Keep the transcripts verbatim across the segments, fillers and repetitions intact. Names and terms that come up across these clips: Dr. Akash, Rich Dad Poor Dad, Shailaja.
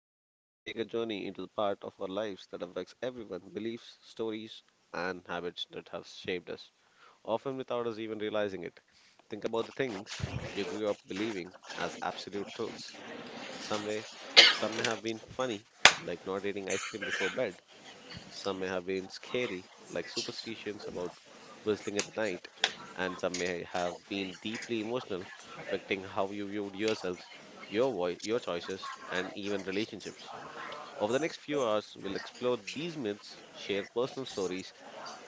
Today we are going to take a journey into the part of our lives that affects everyone, beliefs, stories and habits that have shaped us, often without us even realizing it. Think about the things you grew up believing as absolute truths. Some way, some may have been funny, like not eating ice cream before bed, some may have been scary, like superstitions about whistling at night, and some may have been deeply emotional, affecting how you viewed yourselves, your voice, your choices, and even relationships. Over the next few hours, we'll explore these myths, share personal stories,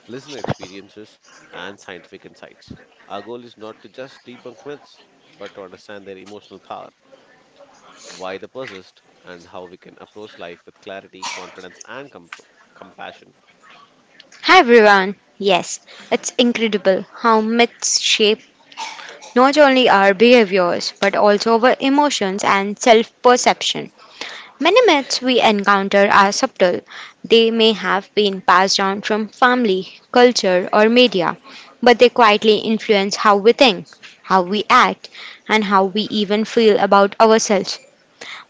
listener experiences, and scientific insights. Our goal is not to just debunk myths, but to understand their emotional power, why they persist, and how we can approach life with clarity, confidence, and com- compassion. Hi everyone. Yes, it's incredible how myths shape not only our behaviors but also our emotions and self perception. Many myths we encounter are subtle. They may have been passed down from family, culture, or media, but they quietly influence how we think, how we act, and how we even feel about ourselves.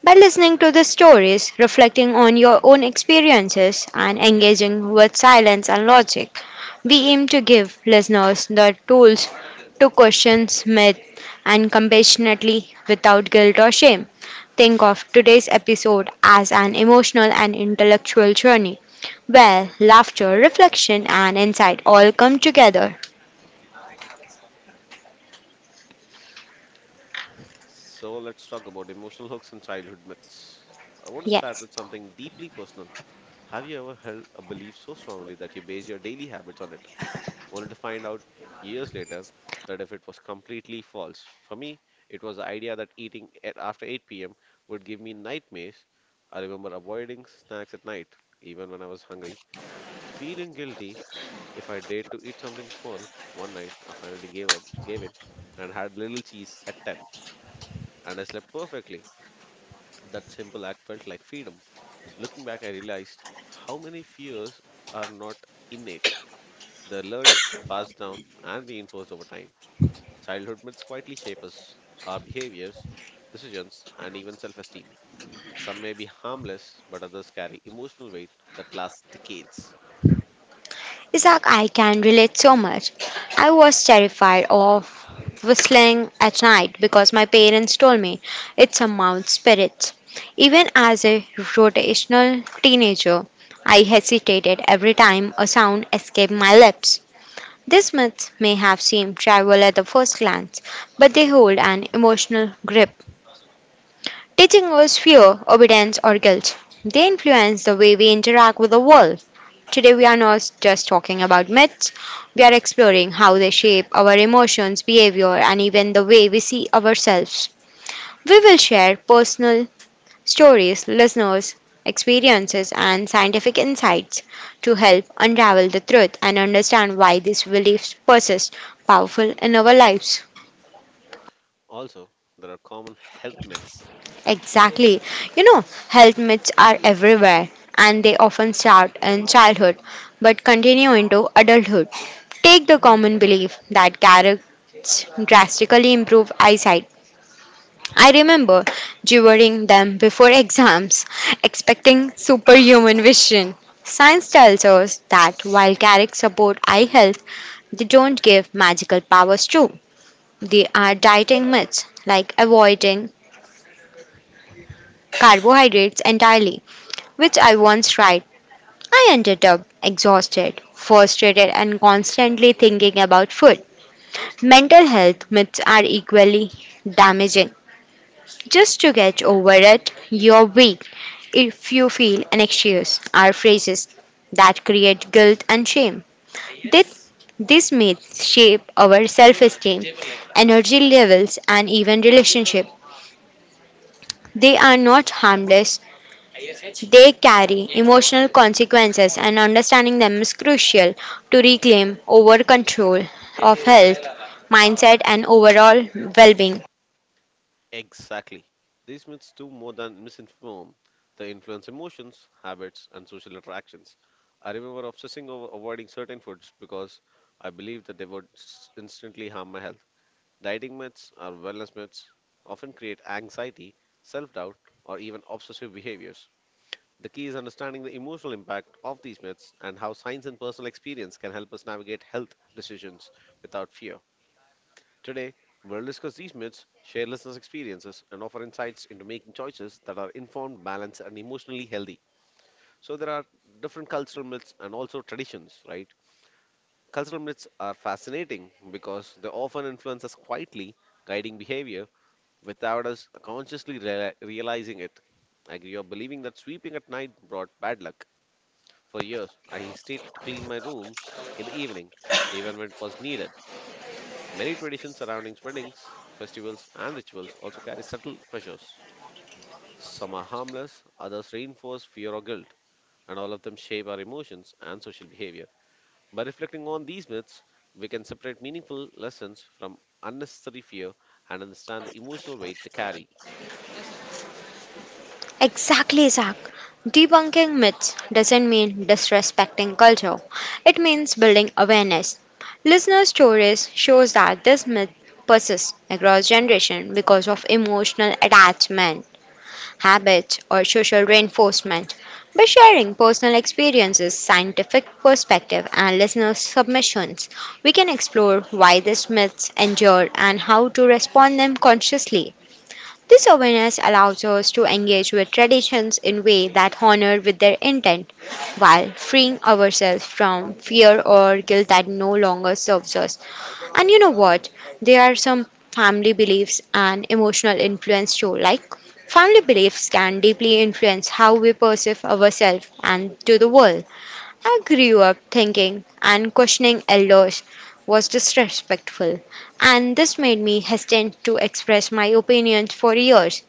By listening to the stories, reflecting on your own experiences, and engaging with silence and logic, we aim to give listeners the tools to question myth and compassionately without guilt or shame. Think of today's episode as an emotional and intellectual journey where laughter, reflection, and insight all come together. So let's talk about emotional hooks and childhood myths. I want to start Yes. with something deeply personal. Have you ever held a belief so strongly that you base your daily habits on it, only to find out years later that if it was completely false? For me, it was the idea that eating at after eight p m would give me nightmares. I remember avoiding snacks at night, even when I was hungry, feeling guilty if I dared to eat something small. One night, I finally gave up, gave in, and had little cheese at ten, and I slept perfectly. That simple act felt like freedom. Looking back, I realized how many fears are not innate. They're learned, passed down, and reinforced over time. Childhood myths quietly shape us, our behaviors, decisions, and even self esteem. Some may be harmless, but others carry emotional weight that lasts decades. Isaac, I can relate so much. I was terrified of whistling at night because my parents told me it's a mountain spirit. Even as a rotational teenager, I hesitated every time a sound escaped my lips. These myths may have seemed trivial at the first glance, but they hold an emotional grip, teaching us fear, obedience, or guilt. They influence the way we interact with the world. Today, we are not just talking about myths, we are exploring how they shape our emotions, behavior, and even the way we see ourselves. We will share personal stories, listeners' experiences, and scientific insights to help unravel the truth and understand why these beliefs persist powerful in our lives. Also, there are common health myths. Exactly. You know, health myths are everywhere and they often start in childhood but continue into adulthood. Take the common belief that carrots drastically improve eyesight. I remember devouring them before exams, expecting superhuman vision. Science tells us that while carrots support eye health, they don't give magical powers too. They are dieting myths like avoiding carbohydrates entirely, which I once tried. I ended up exhausted, frustrated, and constantly thinking about food. Mental health myths are equally damaging. Just to get over it, you're weak. If you feel anxious, are phrases that create guilt and shame. This, these myths shape our self esteem, energy levels, and even relationship. They are not harmless. They carry emotional consequences, and understanding them is crucial to reclaim over control of health, mindset, and overall well being. Exactly. These myths do more than misinform. They influence emotions, habits, and social interactions. I remember obsessing over avoiding certain foods because I believed that they would s- instantly harm my health. Dieting myths or wellness myths often create anxiety, self doubt, or even obsessive behaviors. The key is understanding the emotional impact of these myths and how science and personal experience can help us navigate health decisions without fear. Today, we'll discuss these myths, share listeners' experiences, and offer insights into making choices that are informed, balanced, and emotionally healthy. So, there are different cultural myths and also traditions, right? Cultural myths are fascinating because they often influence us quietly, guiding behavior without us consciously rea- realizing it. I grew up believing that sweeping at night brought bad luck. For years, I hesitated to clean my room in the evening, even when it was needed. Many traditions surrounding weddings, festivals, and rituals also carry subtle pressures. Some are harmless, others reinforce fear or guilt, and all of them shape our emotions and social behavior. By reflecting on these myths, we can separate meaningful lessons from unnecessary fear and understand the emotional weight they carry. Exactly, Zach. Debunking myths doesn't mean disrespecting culture. It means building awareness. Listener stories shows that this myth persists across generation because of emotional attachment habits, or social reinforcement. By sharing personal experiences, scientific perspective, and listener submissions, we can explore why these myths endure and how to respond them consciously. This awareness allows us to engage with traditions in way that honor with their intent while freeing ourselves from fear or guilt that no longer serves us. And you know what? There are some family beliefs and emotional influence too. Like family beliefs can deeply influence how we perceive ourselves and to the world. I grew up thinking and questioning elders was disrespectful, and this made me hesitant to express my opinions for years.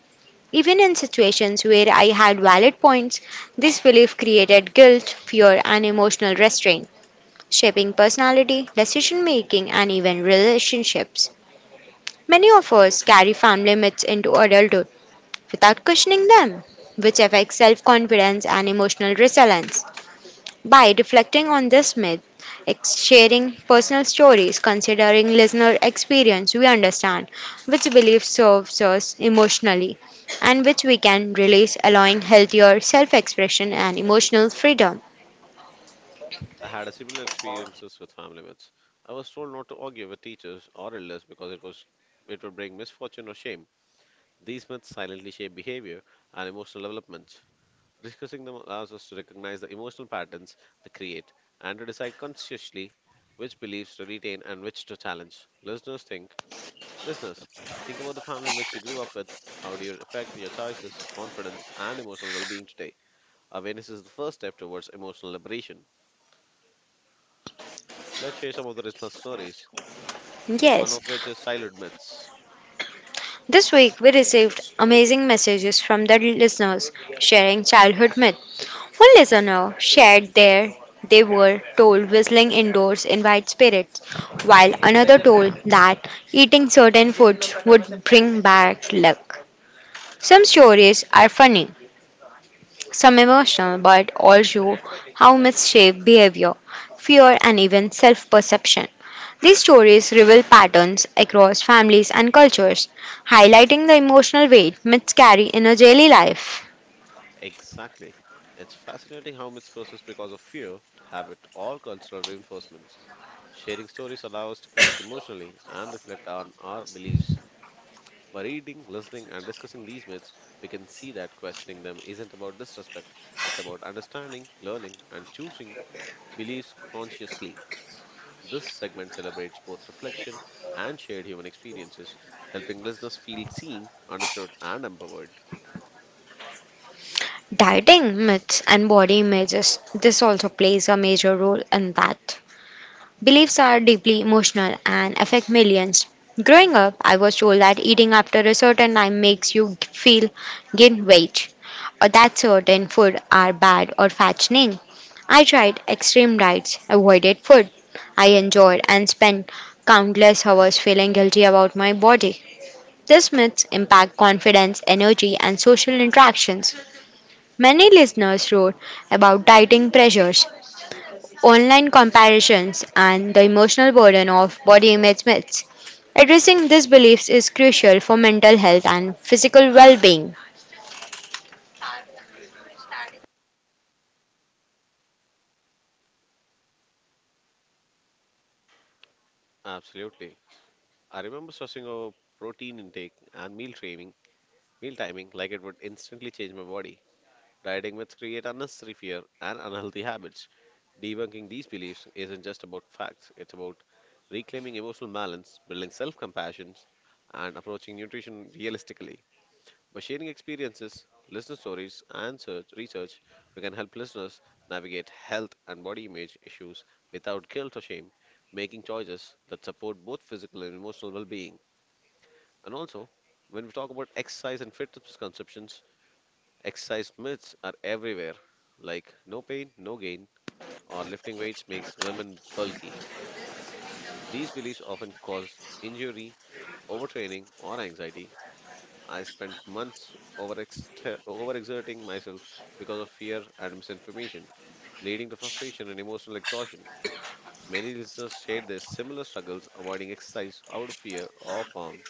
Even in situations where I had valid points, this belief created guilt, fear, and emotional restraint, shaping personality, decision making, and even relationships. Many of us carry family myths into adulthood without questioning them, which affects self confidence and emotional resilience. By reflecting on this myth, ex- sharing personal stories, considering listener experience, we understand which belief serves us emotionally and which we can release, allowing healthier self expression and emotional freedom. I had a similar experiences with family myths. I was told not to argue with teachers or elders because it was it would bring misfortune or shame. These myths silently shape behavior and emotional development. Discussing them allows us to recognize the emotional patterns they create and to decide consciously which beliefs to retain and which to challenge. Listeners think, listeners, think about the family myths you grew up with. How do you affect your choices, confidence, and emotional well-being today? Awareness is the first step towards emotional liberation. Let's share some of the listener stories. One Yes. of which is childhood myths. This week, we received amazing messages from the listeners sharing childhood myths. One listener shared their they were told whistling indoors invites spirits, while another told that eating certain foods would bring back luck. Some stories are funny, some emotional, but also how myths shape behavior, fear, and even self perception. These stories reveal patterns across families and cultures, highlighting the emotional weight myths carry in our daily life. Exactly. It's fascinating how myths persist because of fear, habit, or cultural reinforcement. Sharing stories allow us to connect emotionally and reflect on our beliefs. By reading, listening, and discussing these myths, we can see that questioning them isn't about disrespect, it's about understanding, learning, and choosing beliefs consciously. This segment celebrates both reflection and shared human experiences, helping listeners feel seen, understood, and empowered. Dieting myths and body images. This also plays a major role in that. Beliefs are deeply emotional and affect millions. Growing up, I was told that eating after a certain time makes you feel gain weight, or that certain food are bad or fattening. I tried extreme diets, avoided food I enjoyed, and spent countless hours feeling guilty about my body. These myths impact confidence, energy, and social interactions. Many listeners wrote about dieting pressures, online comparisons, and the emotional burden of body image myths. Addressing these beliefs is crucial for mental health and physical well being. Absolutely. I remember stressing over protein intake and meal timing, meal timing like it would instantly change my body. Dieting myths create unnecessary fear and unhealthy habits. Debunking these beliefs isn't just about facts, it's about reclaiming emotional balance, building self compassion, and approaching nutrition realistically. By sharing experiences, listener stories, and search, research, we can help listeners navigate health and body image issues without guilt or shame, making choices that support both physical and emotional well being. And also, when we talk about exercise and fitness conceptions, exercise myths are everywhere, like no pain, no gain, or lifting weights makes women bulky. These beliefs often cause injury, overtraining, or anxiety. I spent months overext- overexerting myself because of fear and misinformation, leading to frustration and emotional exhaustion. Many listeners share their similar struggles avoiding exercise out of fear of harm,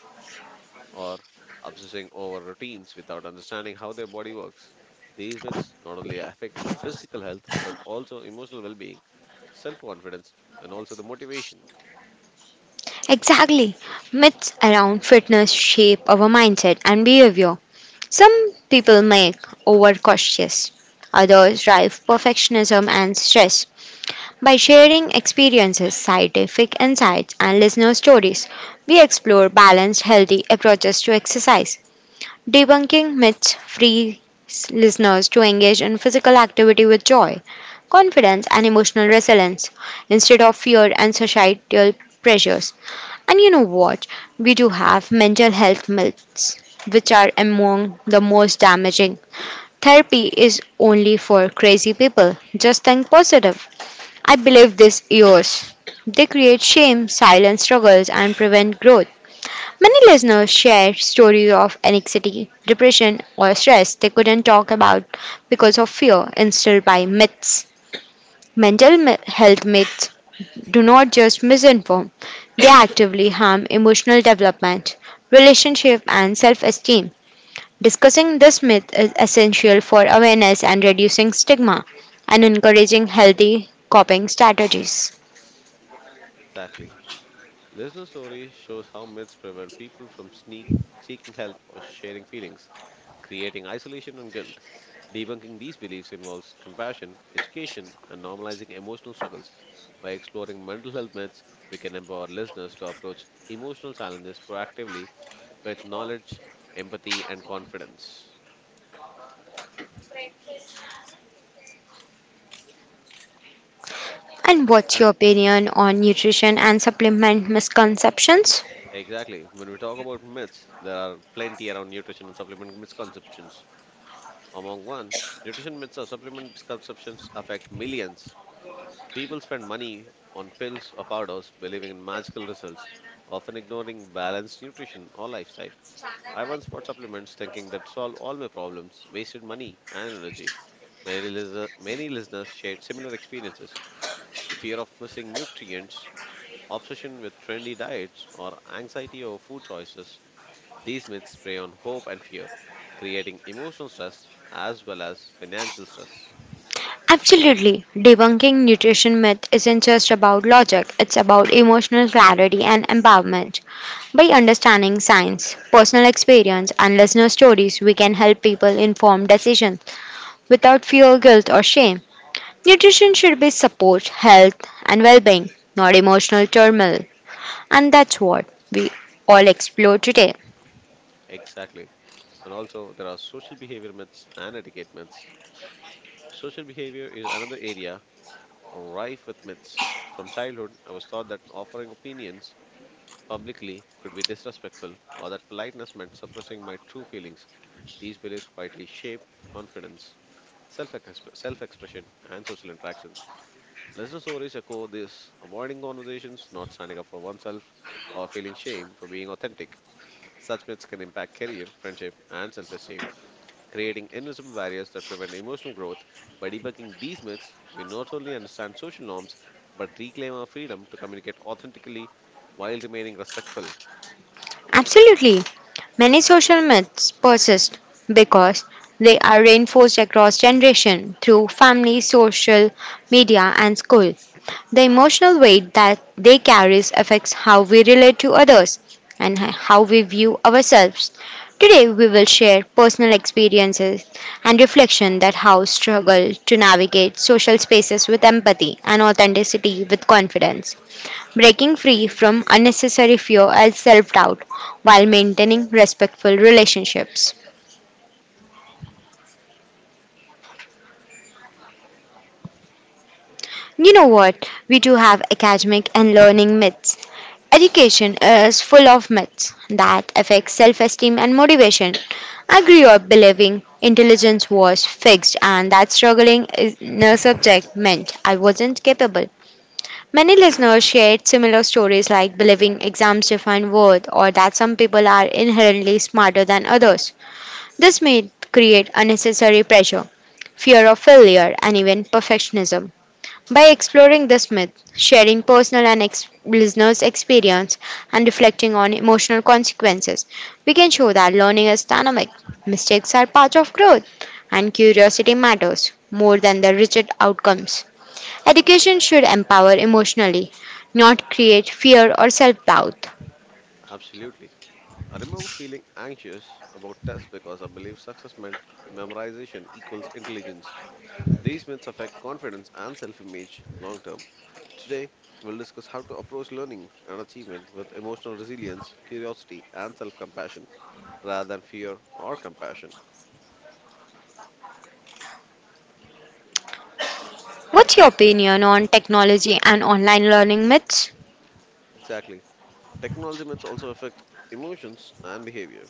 or obsessing over routines without understanding how their body works. These myths not only affect physical health but also emotional well being, self confidence, and also the motivation. Exactly. Myths around fitness shape our mindset and behavior. Some people make overcautious, others drive perfectionism and stress. By sharing experiences, scientific insights, and listener stories, we explore balanced, healthy approaches to exercise. Debunking myths free listeners to engage in physical activity with joy, confidence, and emotional resilience instead of fear and societal pressures. And you know what? We do have mental health myths which are among the most damaging. Therapy is only for crazy people. Just think positive. I believe this yours. They create shame, silent struggles, and prevent growth. Many listeners share stories of anxiety, depression, or stress they couldn't talk about because of fear instilled by myths. Mental mi- health myths do not just misinform, they actively harm emotional development, relationship, and self esteem. Discussing this myth is essential for awareness and reducing stigma and encouraging healthy coping strategies. Exactly. Listener stories shows how myths prevent people from sneak, seeking help or sharing feelings, creating isolation and guilt. Debunking these beliefs involves compassion, education, and normalizing emotional struggles. By exploring mental health myths, we can empower listeners to approach emotional challenges proactively with knowledge, empathy, and confidence. And what's your And opinion on nutrition and supplement misconceptions? exactly, when we talk about myths, there are plenty around nutrition and supplement misconceptions. Among one, nutrition myths or supplement consumptions affect millions. People spend money on pills or powders believing in magical results, often ignoring balanced nutrition or lifestyle. I once bought supplements thinking that solved all my problems, wasted money and energy. Many, lis- many listeners shared similar experiences, fear of missing nutrients, obsession with trendy diets, or anxiety over food choices. These myths prey on hope and fear, creating emotional stress as well as financial stress. Absolutely. Debunking nutrition myth isn't just about logic, it's about emotional clarity and empowerment. By understanding science, personal experience, and listener stories, we can help people inform decisions without fear, guilt, or shame. Nutrition should be support health and well-being, not emotional turmoil. And that's what we all explore today. Exactly. And also, there are social behavior myths and etiquette myths. Social behavior is another area rife with myths. From childhood, I was taught that offering opinions publicly could be disrespectful or that politeness meant suppressing my true feelings. These beliefs quietly shape confidence, self self expression, and social interactions. Listener stories echo this avoiding conversations, not standing up for oneself, or feeling shame for being authentic. Such myths can impact career, friendship, and self esteem, creating invisible barriers that prevent emotional growth. By debunking these myths, we not only understand social norms but reclaim our freedom to communicate authentically while remaining respectful. Absolutely. Many social myths persist because they are reinforced across generation through family, social media and school. The emotional weight that they carry affects how we relate to others and how we view ourselves. Today, we will share personal experiences and reflection that how struggle to navigate social spaces with empathy and authenticity with confidence, breaking free from unnecessary fear and self doubt while maintaining respectful relationships. You know what? We do have academic and learning myths. Education is full of myths that affect self esteem and motivation. I grew up believing intelligence was fixed and that struggling is no subject meant I wasn't capable. Many listeners shared similar stories like believing exams define worth or that some people are inherently smarter than others. This may create unnecessary pressure fear of failure, and even perfectionism. By exploring this myth, sharing personal and ex- listeners' experience, and reflecting on emotional consequences, we can show that learning is dynamic, mistakes are part of growth, and curiosity matters more than the rigid outcomes. Education should empower emotionally, not create fear or self doubt. Absolutely. I remember feeling anxious about tests because I believed success meant memorization equals intelligence. These myths affect confidence and self image long term. Today, we'll discuss how to approach learning and achievement with emotional resilience, curiosity, and self compassion rather than fear or compassion. What's your opinion on technology and online learning myths? Exactly. Technology myths also affect emotions and behavior.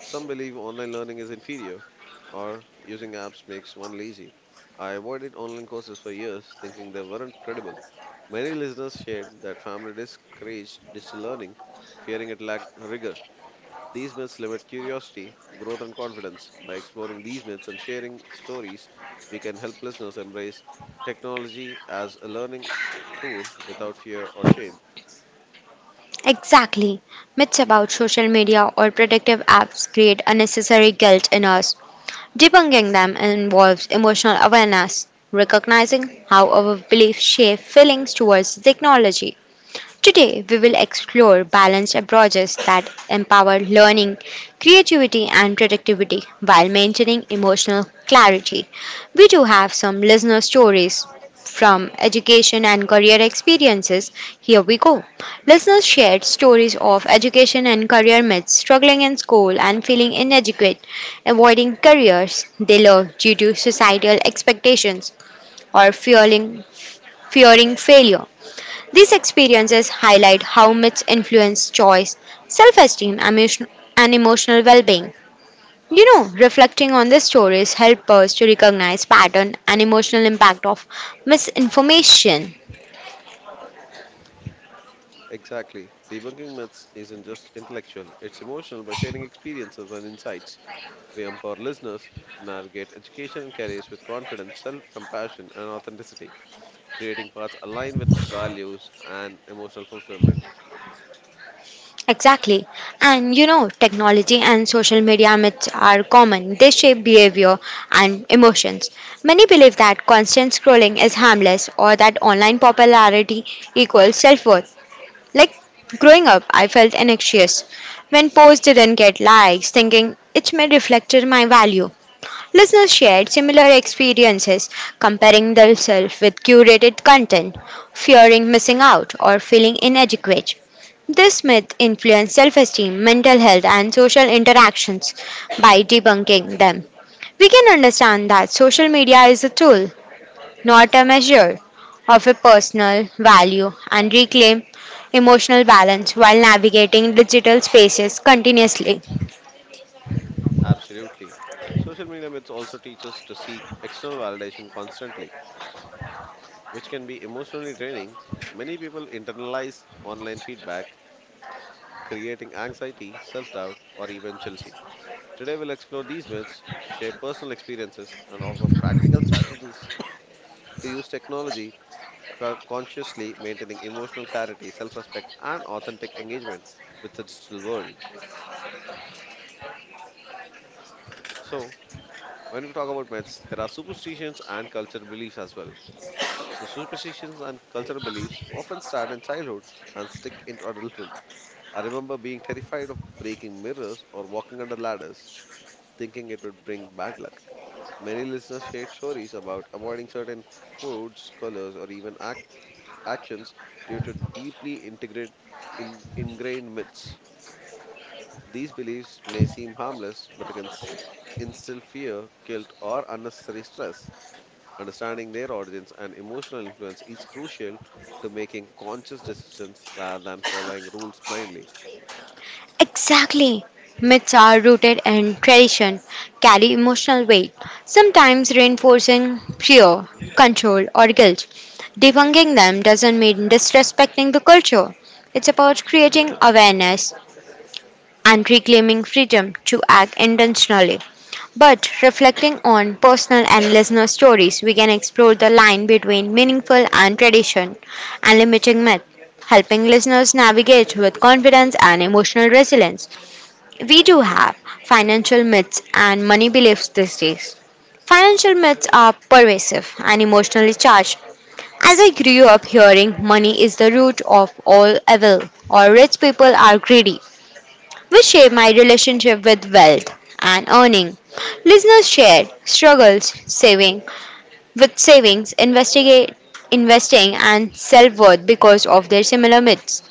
Some believe online learning is inferior or using apps makes one lazy. I avoided online courses for years thinking they weren't credible. Many listeners shared that family discouraged digital learning, fearing it lacked rigor. These myths limit curiosity, growth, and confidence. By exploring these myths and sharing stories, we can help listeners embrace technology as a learning tool without fear or shame. Exactly. Myths about social media or protective apps create unnecessary guilt in us. Debunking them involves emotional awareness, recognizing how our beliefs shape feelings towards technology. Today, we will explore balanced approaches that empower learning, creativity, and productivity while maintaining emotional clarity. We do have some listener stories from education and career experiences. Here we go. Listeners shared stories of education and career myths, struggling in school and feeling inadequate, avoiding careers they love due to societal expectations, or fearing, fearing failure. These experiences highlight how myths influence choice, self esteem, and emotional well being. You know, reflecting on these stories help us to recognize pattern and emotional impact of misinformation. Exactly. Debunking myths isn't just intellectual, it's emotional by sharing experiences and insights. We empower listeners to navigate education and careers with confidence, self compassion, and authenticity, creating paths aligned with values and emotional fulfillment. Exactly. And you know, technology and social media myths are common. They shape behavior and emotions. Many believe that constant scrolling is harmless or that online popularity equals self worth. Like growing up, I felt anxious when posts didn't get likes, thinking it may reflect my value. Listeners shared similar experiences, comparing themselves with curated content, fearing missing out, or feeling inadequate. This myth influenced self esteem, mental health, and social interactions by debunking them. We can understand that social media is a tool not a measure of a personal value and reclaim emotional balance while navigating digital spaces continuously. Absolutely. Social media myths also teach us to seek external validation constantly, which can be emotionally draining. Many people internalize online feedback, creating anxiety, self doubt, or even jealousy. Today, we'll explore these myths, share personal experiences, and offer practical strategies to use technology co- consciously, maintaining emotional clarity, self respect, and authentic engagement with the digital world. So, when we talk about myths, there are superstitions and cultural beliefs as well. So, superstitions and cultural beliefs often start in childhood and stick into adulthood. I remember being terrified of breaking mirrors or walking under ladders, thinking it would bring bad luck. Many listeners shared stories about avoiding certain foods, colors, or even ac actions due to deeply integrate, in, ingrained myths. These beliefs may seem harmless, but they can s- instill fear, guilt, or unnecessary stress. Understanding their origins and emotional influence is crucial to making conscious decisions rather than following rules blindly. Exactly. Myths are rooted in tradition, carry emotional weight, sometimes reinforcing fear, control, or guilt. Debunking them doesn't mean disrespecting the culture. It's about creating awareness and reclaiming freedom to act intentionally. But reflecting on personal and listener stories, we can explore the line between meaningful and tradition and limiting myth, helping listeners navigate with confidence and emotional resilience. We do have financial myths and money beliefs these days. Financial myths are pervasive and emotionally charged. As I grew up hearing money is the root of all evil or rich people are greedy which shape my relationship with wealth and earning. Listeners share struggles saving with savings, investigate investing and self-worth because of their similar myths.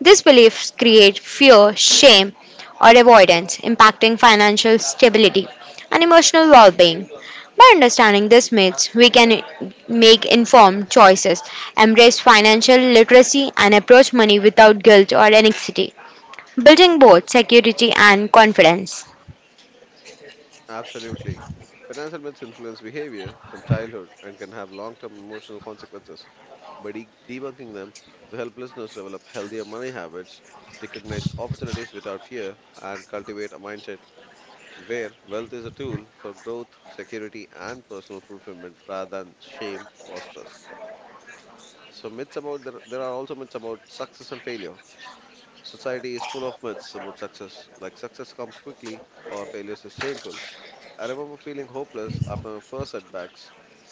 These beliefs create fear, shame, or avoidance, impacting financial stability and emotional well being. By understanding these myths, we can make informed choices, embrace financial literacy, and approach money without guilt or anxiety building both security and confidence. Absolutely. Financial myths influence behavior from childhood and can have long term emotional consequences. By de- debunking them, we help listeners develop healthier money habits, recognize opportunities without fear, and cultivate a mindset where wealth is a tool for growth, security, and personal fulfillment rather than shame or stress. So, myths about there, there are also myths about success and failure. Society is full of myths about success, like success comes quickly or failure is shameful. I remember feeling hopeless after my first setbacks,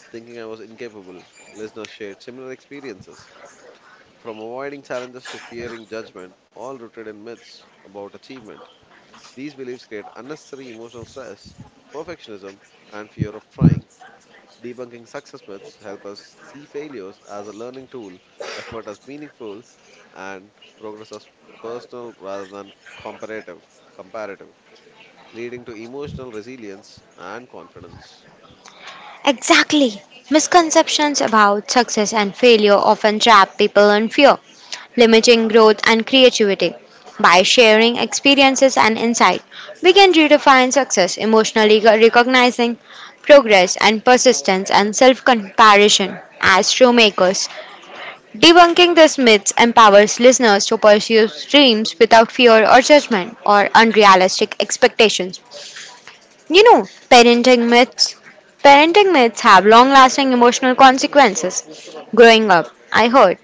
thinking I was incapable. Listeners shared similar experiences. From avoiding challenges to fearing judgment, all rooted in myths about achievement. These beliefs create unnecessary emotional stress, perfectionism, and fear of trying. Debunking success myths help us see failures as a learning tool, effort as meaningful, and progress as personal rather than comparative, comparative, leading to emotional resilience and confidence. Exactly. Misconceptions about success and failure often trap people in fear, limiting growth and creativity. By sharing experiences and insight, we can redefine success emotionally, recognizing progress and persistence and self comparison as true makers. Debunking these myths empowers listeners to pursue dreams without fear or judgment or unrealistic expectations. You know, parenting myths. Parenting myths have long lasting emotional consequences. Growing up, I heard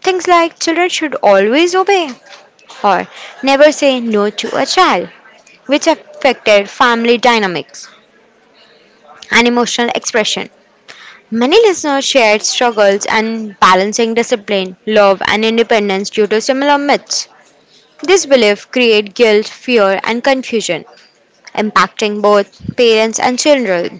things like children should always obey or never say no to a child, which affected family dynamics and emotional expression. Many listeners shared struggles and balancing discipline, love, and independence due to similar myths. This belief creates guilt, fear, and confusion, impacting both parents and children.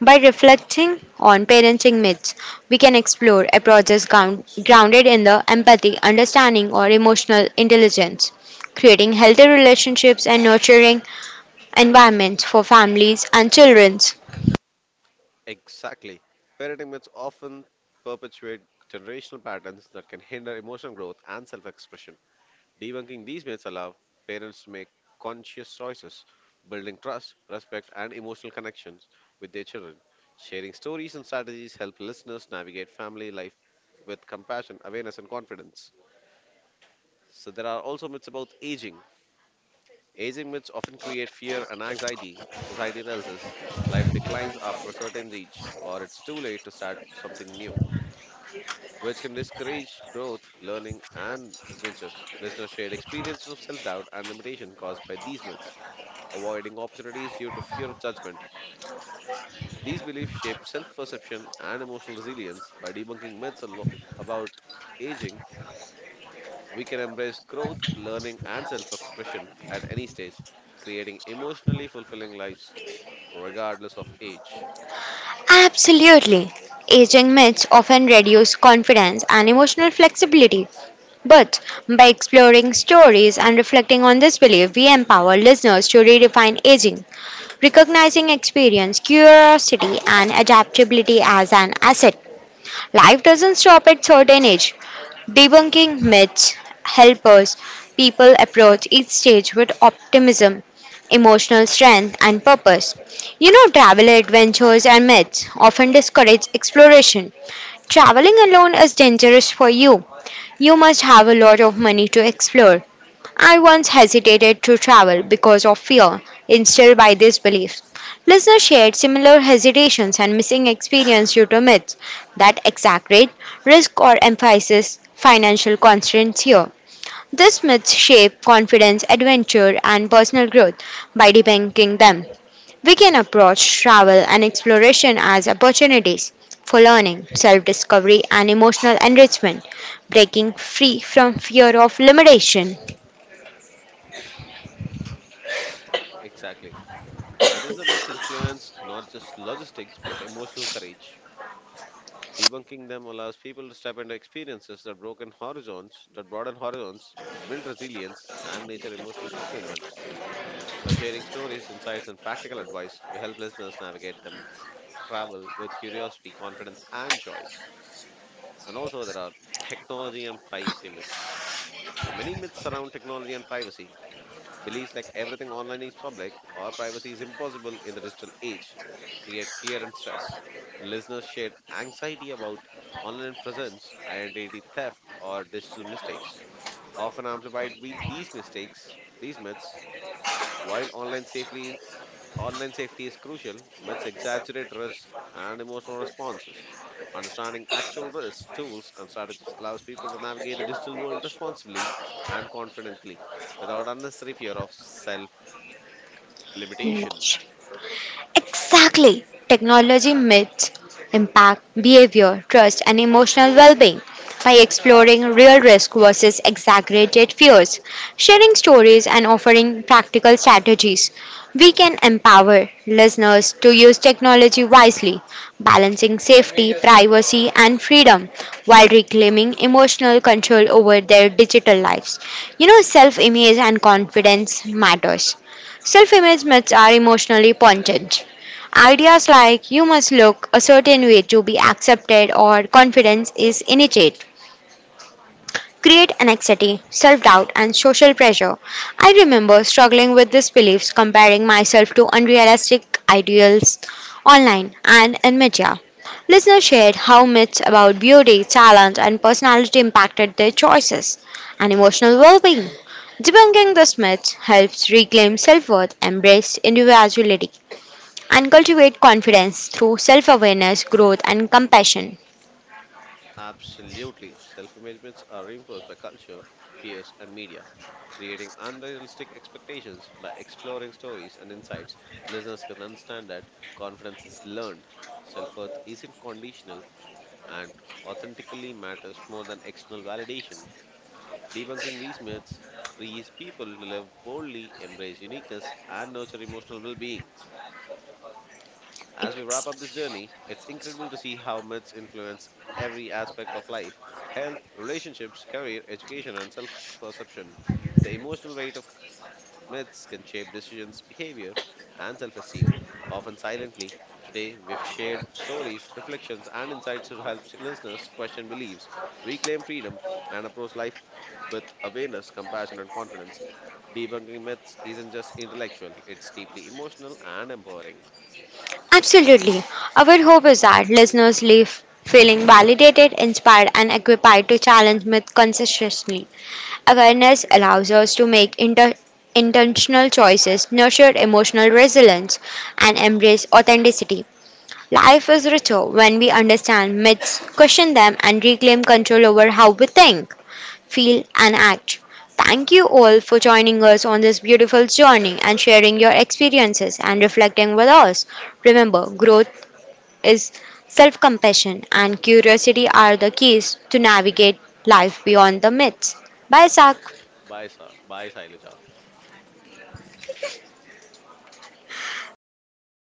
By reflecting on parenting myths, we can explore approaches ground- grounded in the empathy, understanding, or emotional intelligence, creating healthy relationships and nurturing environments for families and children. Exactly. Parenting myths often perpetuate generational patterns that can hinder emotional growth and self expression. Debunking these myths allow parents to make conscious choices, building trust, respect, and emotional connections with their children. Sharing stories and strategies help listeners navigate family life with compassion, awareness, and confidence. So, there are also myths about aging. Aging myths often create fear and anxiety. Society tells us life declines after a certain age, or it's too late to start something new, which can discourage growth, learning, and adventures. Listeners shared experiences of self doubt and limitation caused by these myths, avoiding opportunities due to fear of judgment. These beliefs shape self perception and emotional resilience. By debunking myths alo- about aging, we can embrace growth, learning, and self expression at any stage, creating emotionally fulfilling lives regardless of age. Absolutely. Aging myths often reduce confidence and emotional flexibility, but by exploring stories and reflecting on this belief, we empower listeners to redefine aging, recognizing experience, curiosity, and adaptability as an asset. Life doesn't stop at certain age. Debunking myths help us people approach each stage with optimism, emotional strength, and purpose. You know, travel adventures and myths often discourage exploration. Traveling alone is dangerous for you. You must have a lot of money to explore. I once hesitated to travel because of fear instilled by these beliefs. Listeners shared similar hesitations and missing experience due to myths that exaggerate risk or emphasize financial constraints here. These myths shape confidence, adventure, and personal growth by debunking them. We can approach travel and exploration as opportunities for learning, self discovery, and emotional enrichment, breaking free from fear of limitation. Exactly. Adventure myths influence not just logistics but emotional courage. Debunking them allows people to step into experiences that broken horizons, that broaden horizons, build resilience, and nature emotional fulfillment. By sharing stories, insights, and practical advice, we help listeners navigate them travel with curiosity, confidence, and joy. And also, there are technology and privacy myths. So many myths surround technology and privacy. Beliefs like everything online is public or privacy is impossible in the digital age create fear and stress. Listeners shared anxiety about online presence, identity theft, or digital mistakes, often amplified with these mistakes, these myths. While online safely online safety is crucial, myths exaggerate risk and emotional responses. Understanding actual risks, tools, and strategies allows people to navigate the digital world responsibly and confidently without unnecessary fear of self limitation. limitation. Exactly. Technology myths impact behavior, trust, and emotional well being by exploring real risk versus exaggerated fears, sharing stories, and offering practical strategies. We can empower listeners to use technology wisely, balancing safety, privacy, and freedom while reclaiming emotional control over their digital lives. You know, self image and confidence matters. Self image myths are emotionally pointed. Ideas like you must look a certain way to be accepted or confidence is innate create anxiety, self doubt, and social pressure. I remember struggling with these beliefs, comparing myself to unrealistic ideals online and in media. Listeners shared how myths about beauty, talent, and personality impacted their choices and emotional well being. Debunking these myths helps reclaim self worth, embrace individuality, and cultivate confidence through self awareness, growth, and compassion. Absolutely. Self images are reinforced by culture, peers, and media, creating unrealistic expectations by exploring stories and insights. Listeners can understand that confidence is learned, self worth isn't conditional, and authentically matters more than external validation. Debunking these myths frees people to live boldly, embrace uniqueness, and nurture emotional well being. As we wrap up this Ex- journey, it's incredible to see how myths influence every aspect of life health, relationships, career, education, and self perception. The emotional weight of myths can shape decisions, behavior, and self esteem, often silently. Today, we've shared stories, reflections, and insights to help listeners question beliefs, reclaim freedom, and approach life with awareness, compassion, and confidence. Debunking myths isn't just intellectual, it's deeply emotional and empowering. Absolutely. Our hope is that listeners leave feeling validated, inspired, and equipped to challenge myths consistently. Awareness allows us to make inter- intentional choices, nurture emotional resilience, and embrace authenticity. Life is richer when we understand myths, question them, and reclaim control over how we think, feel, and act. Thank you all for joining us on this beautiful journey and sharing your experiences and reflecting with us. Remember, growth is self compassion and curiosity are the keys to navigate life beyond the myths. Bye, Sak. Bye, Sa- bye, Saileja.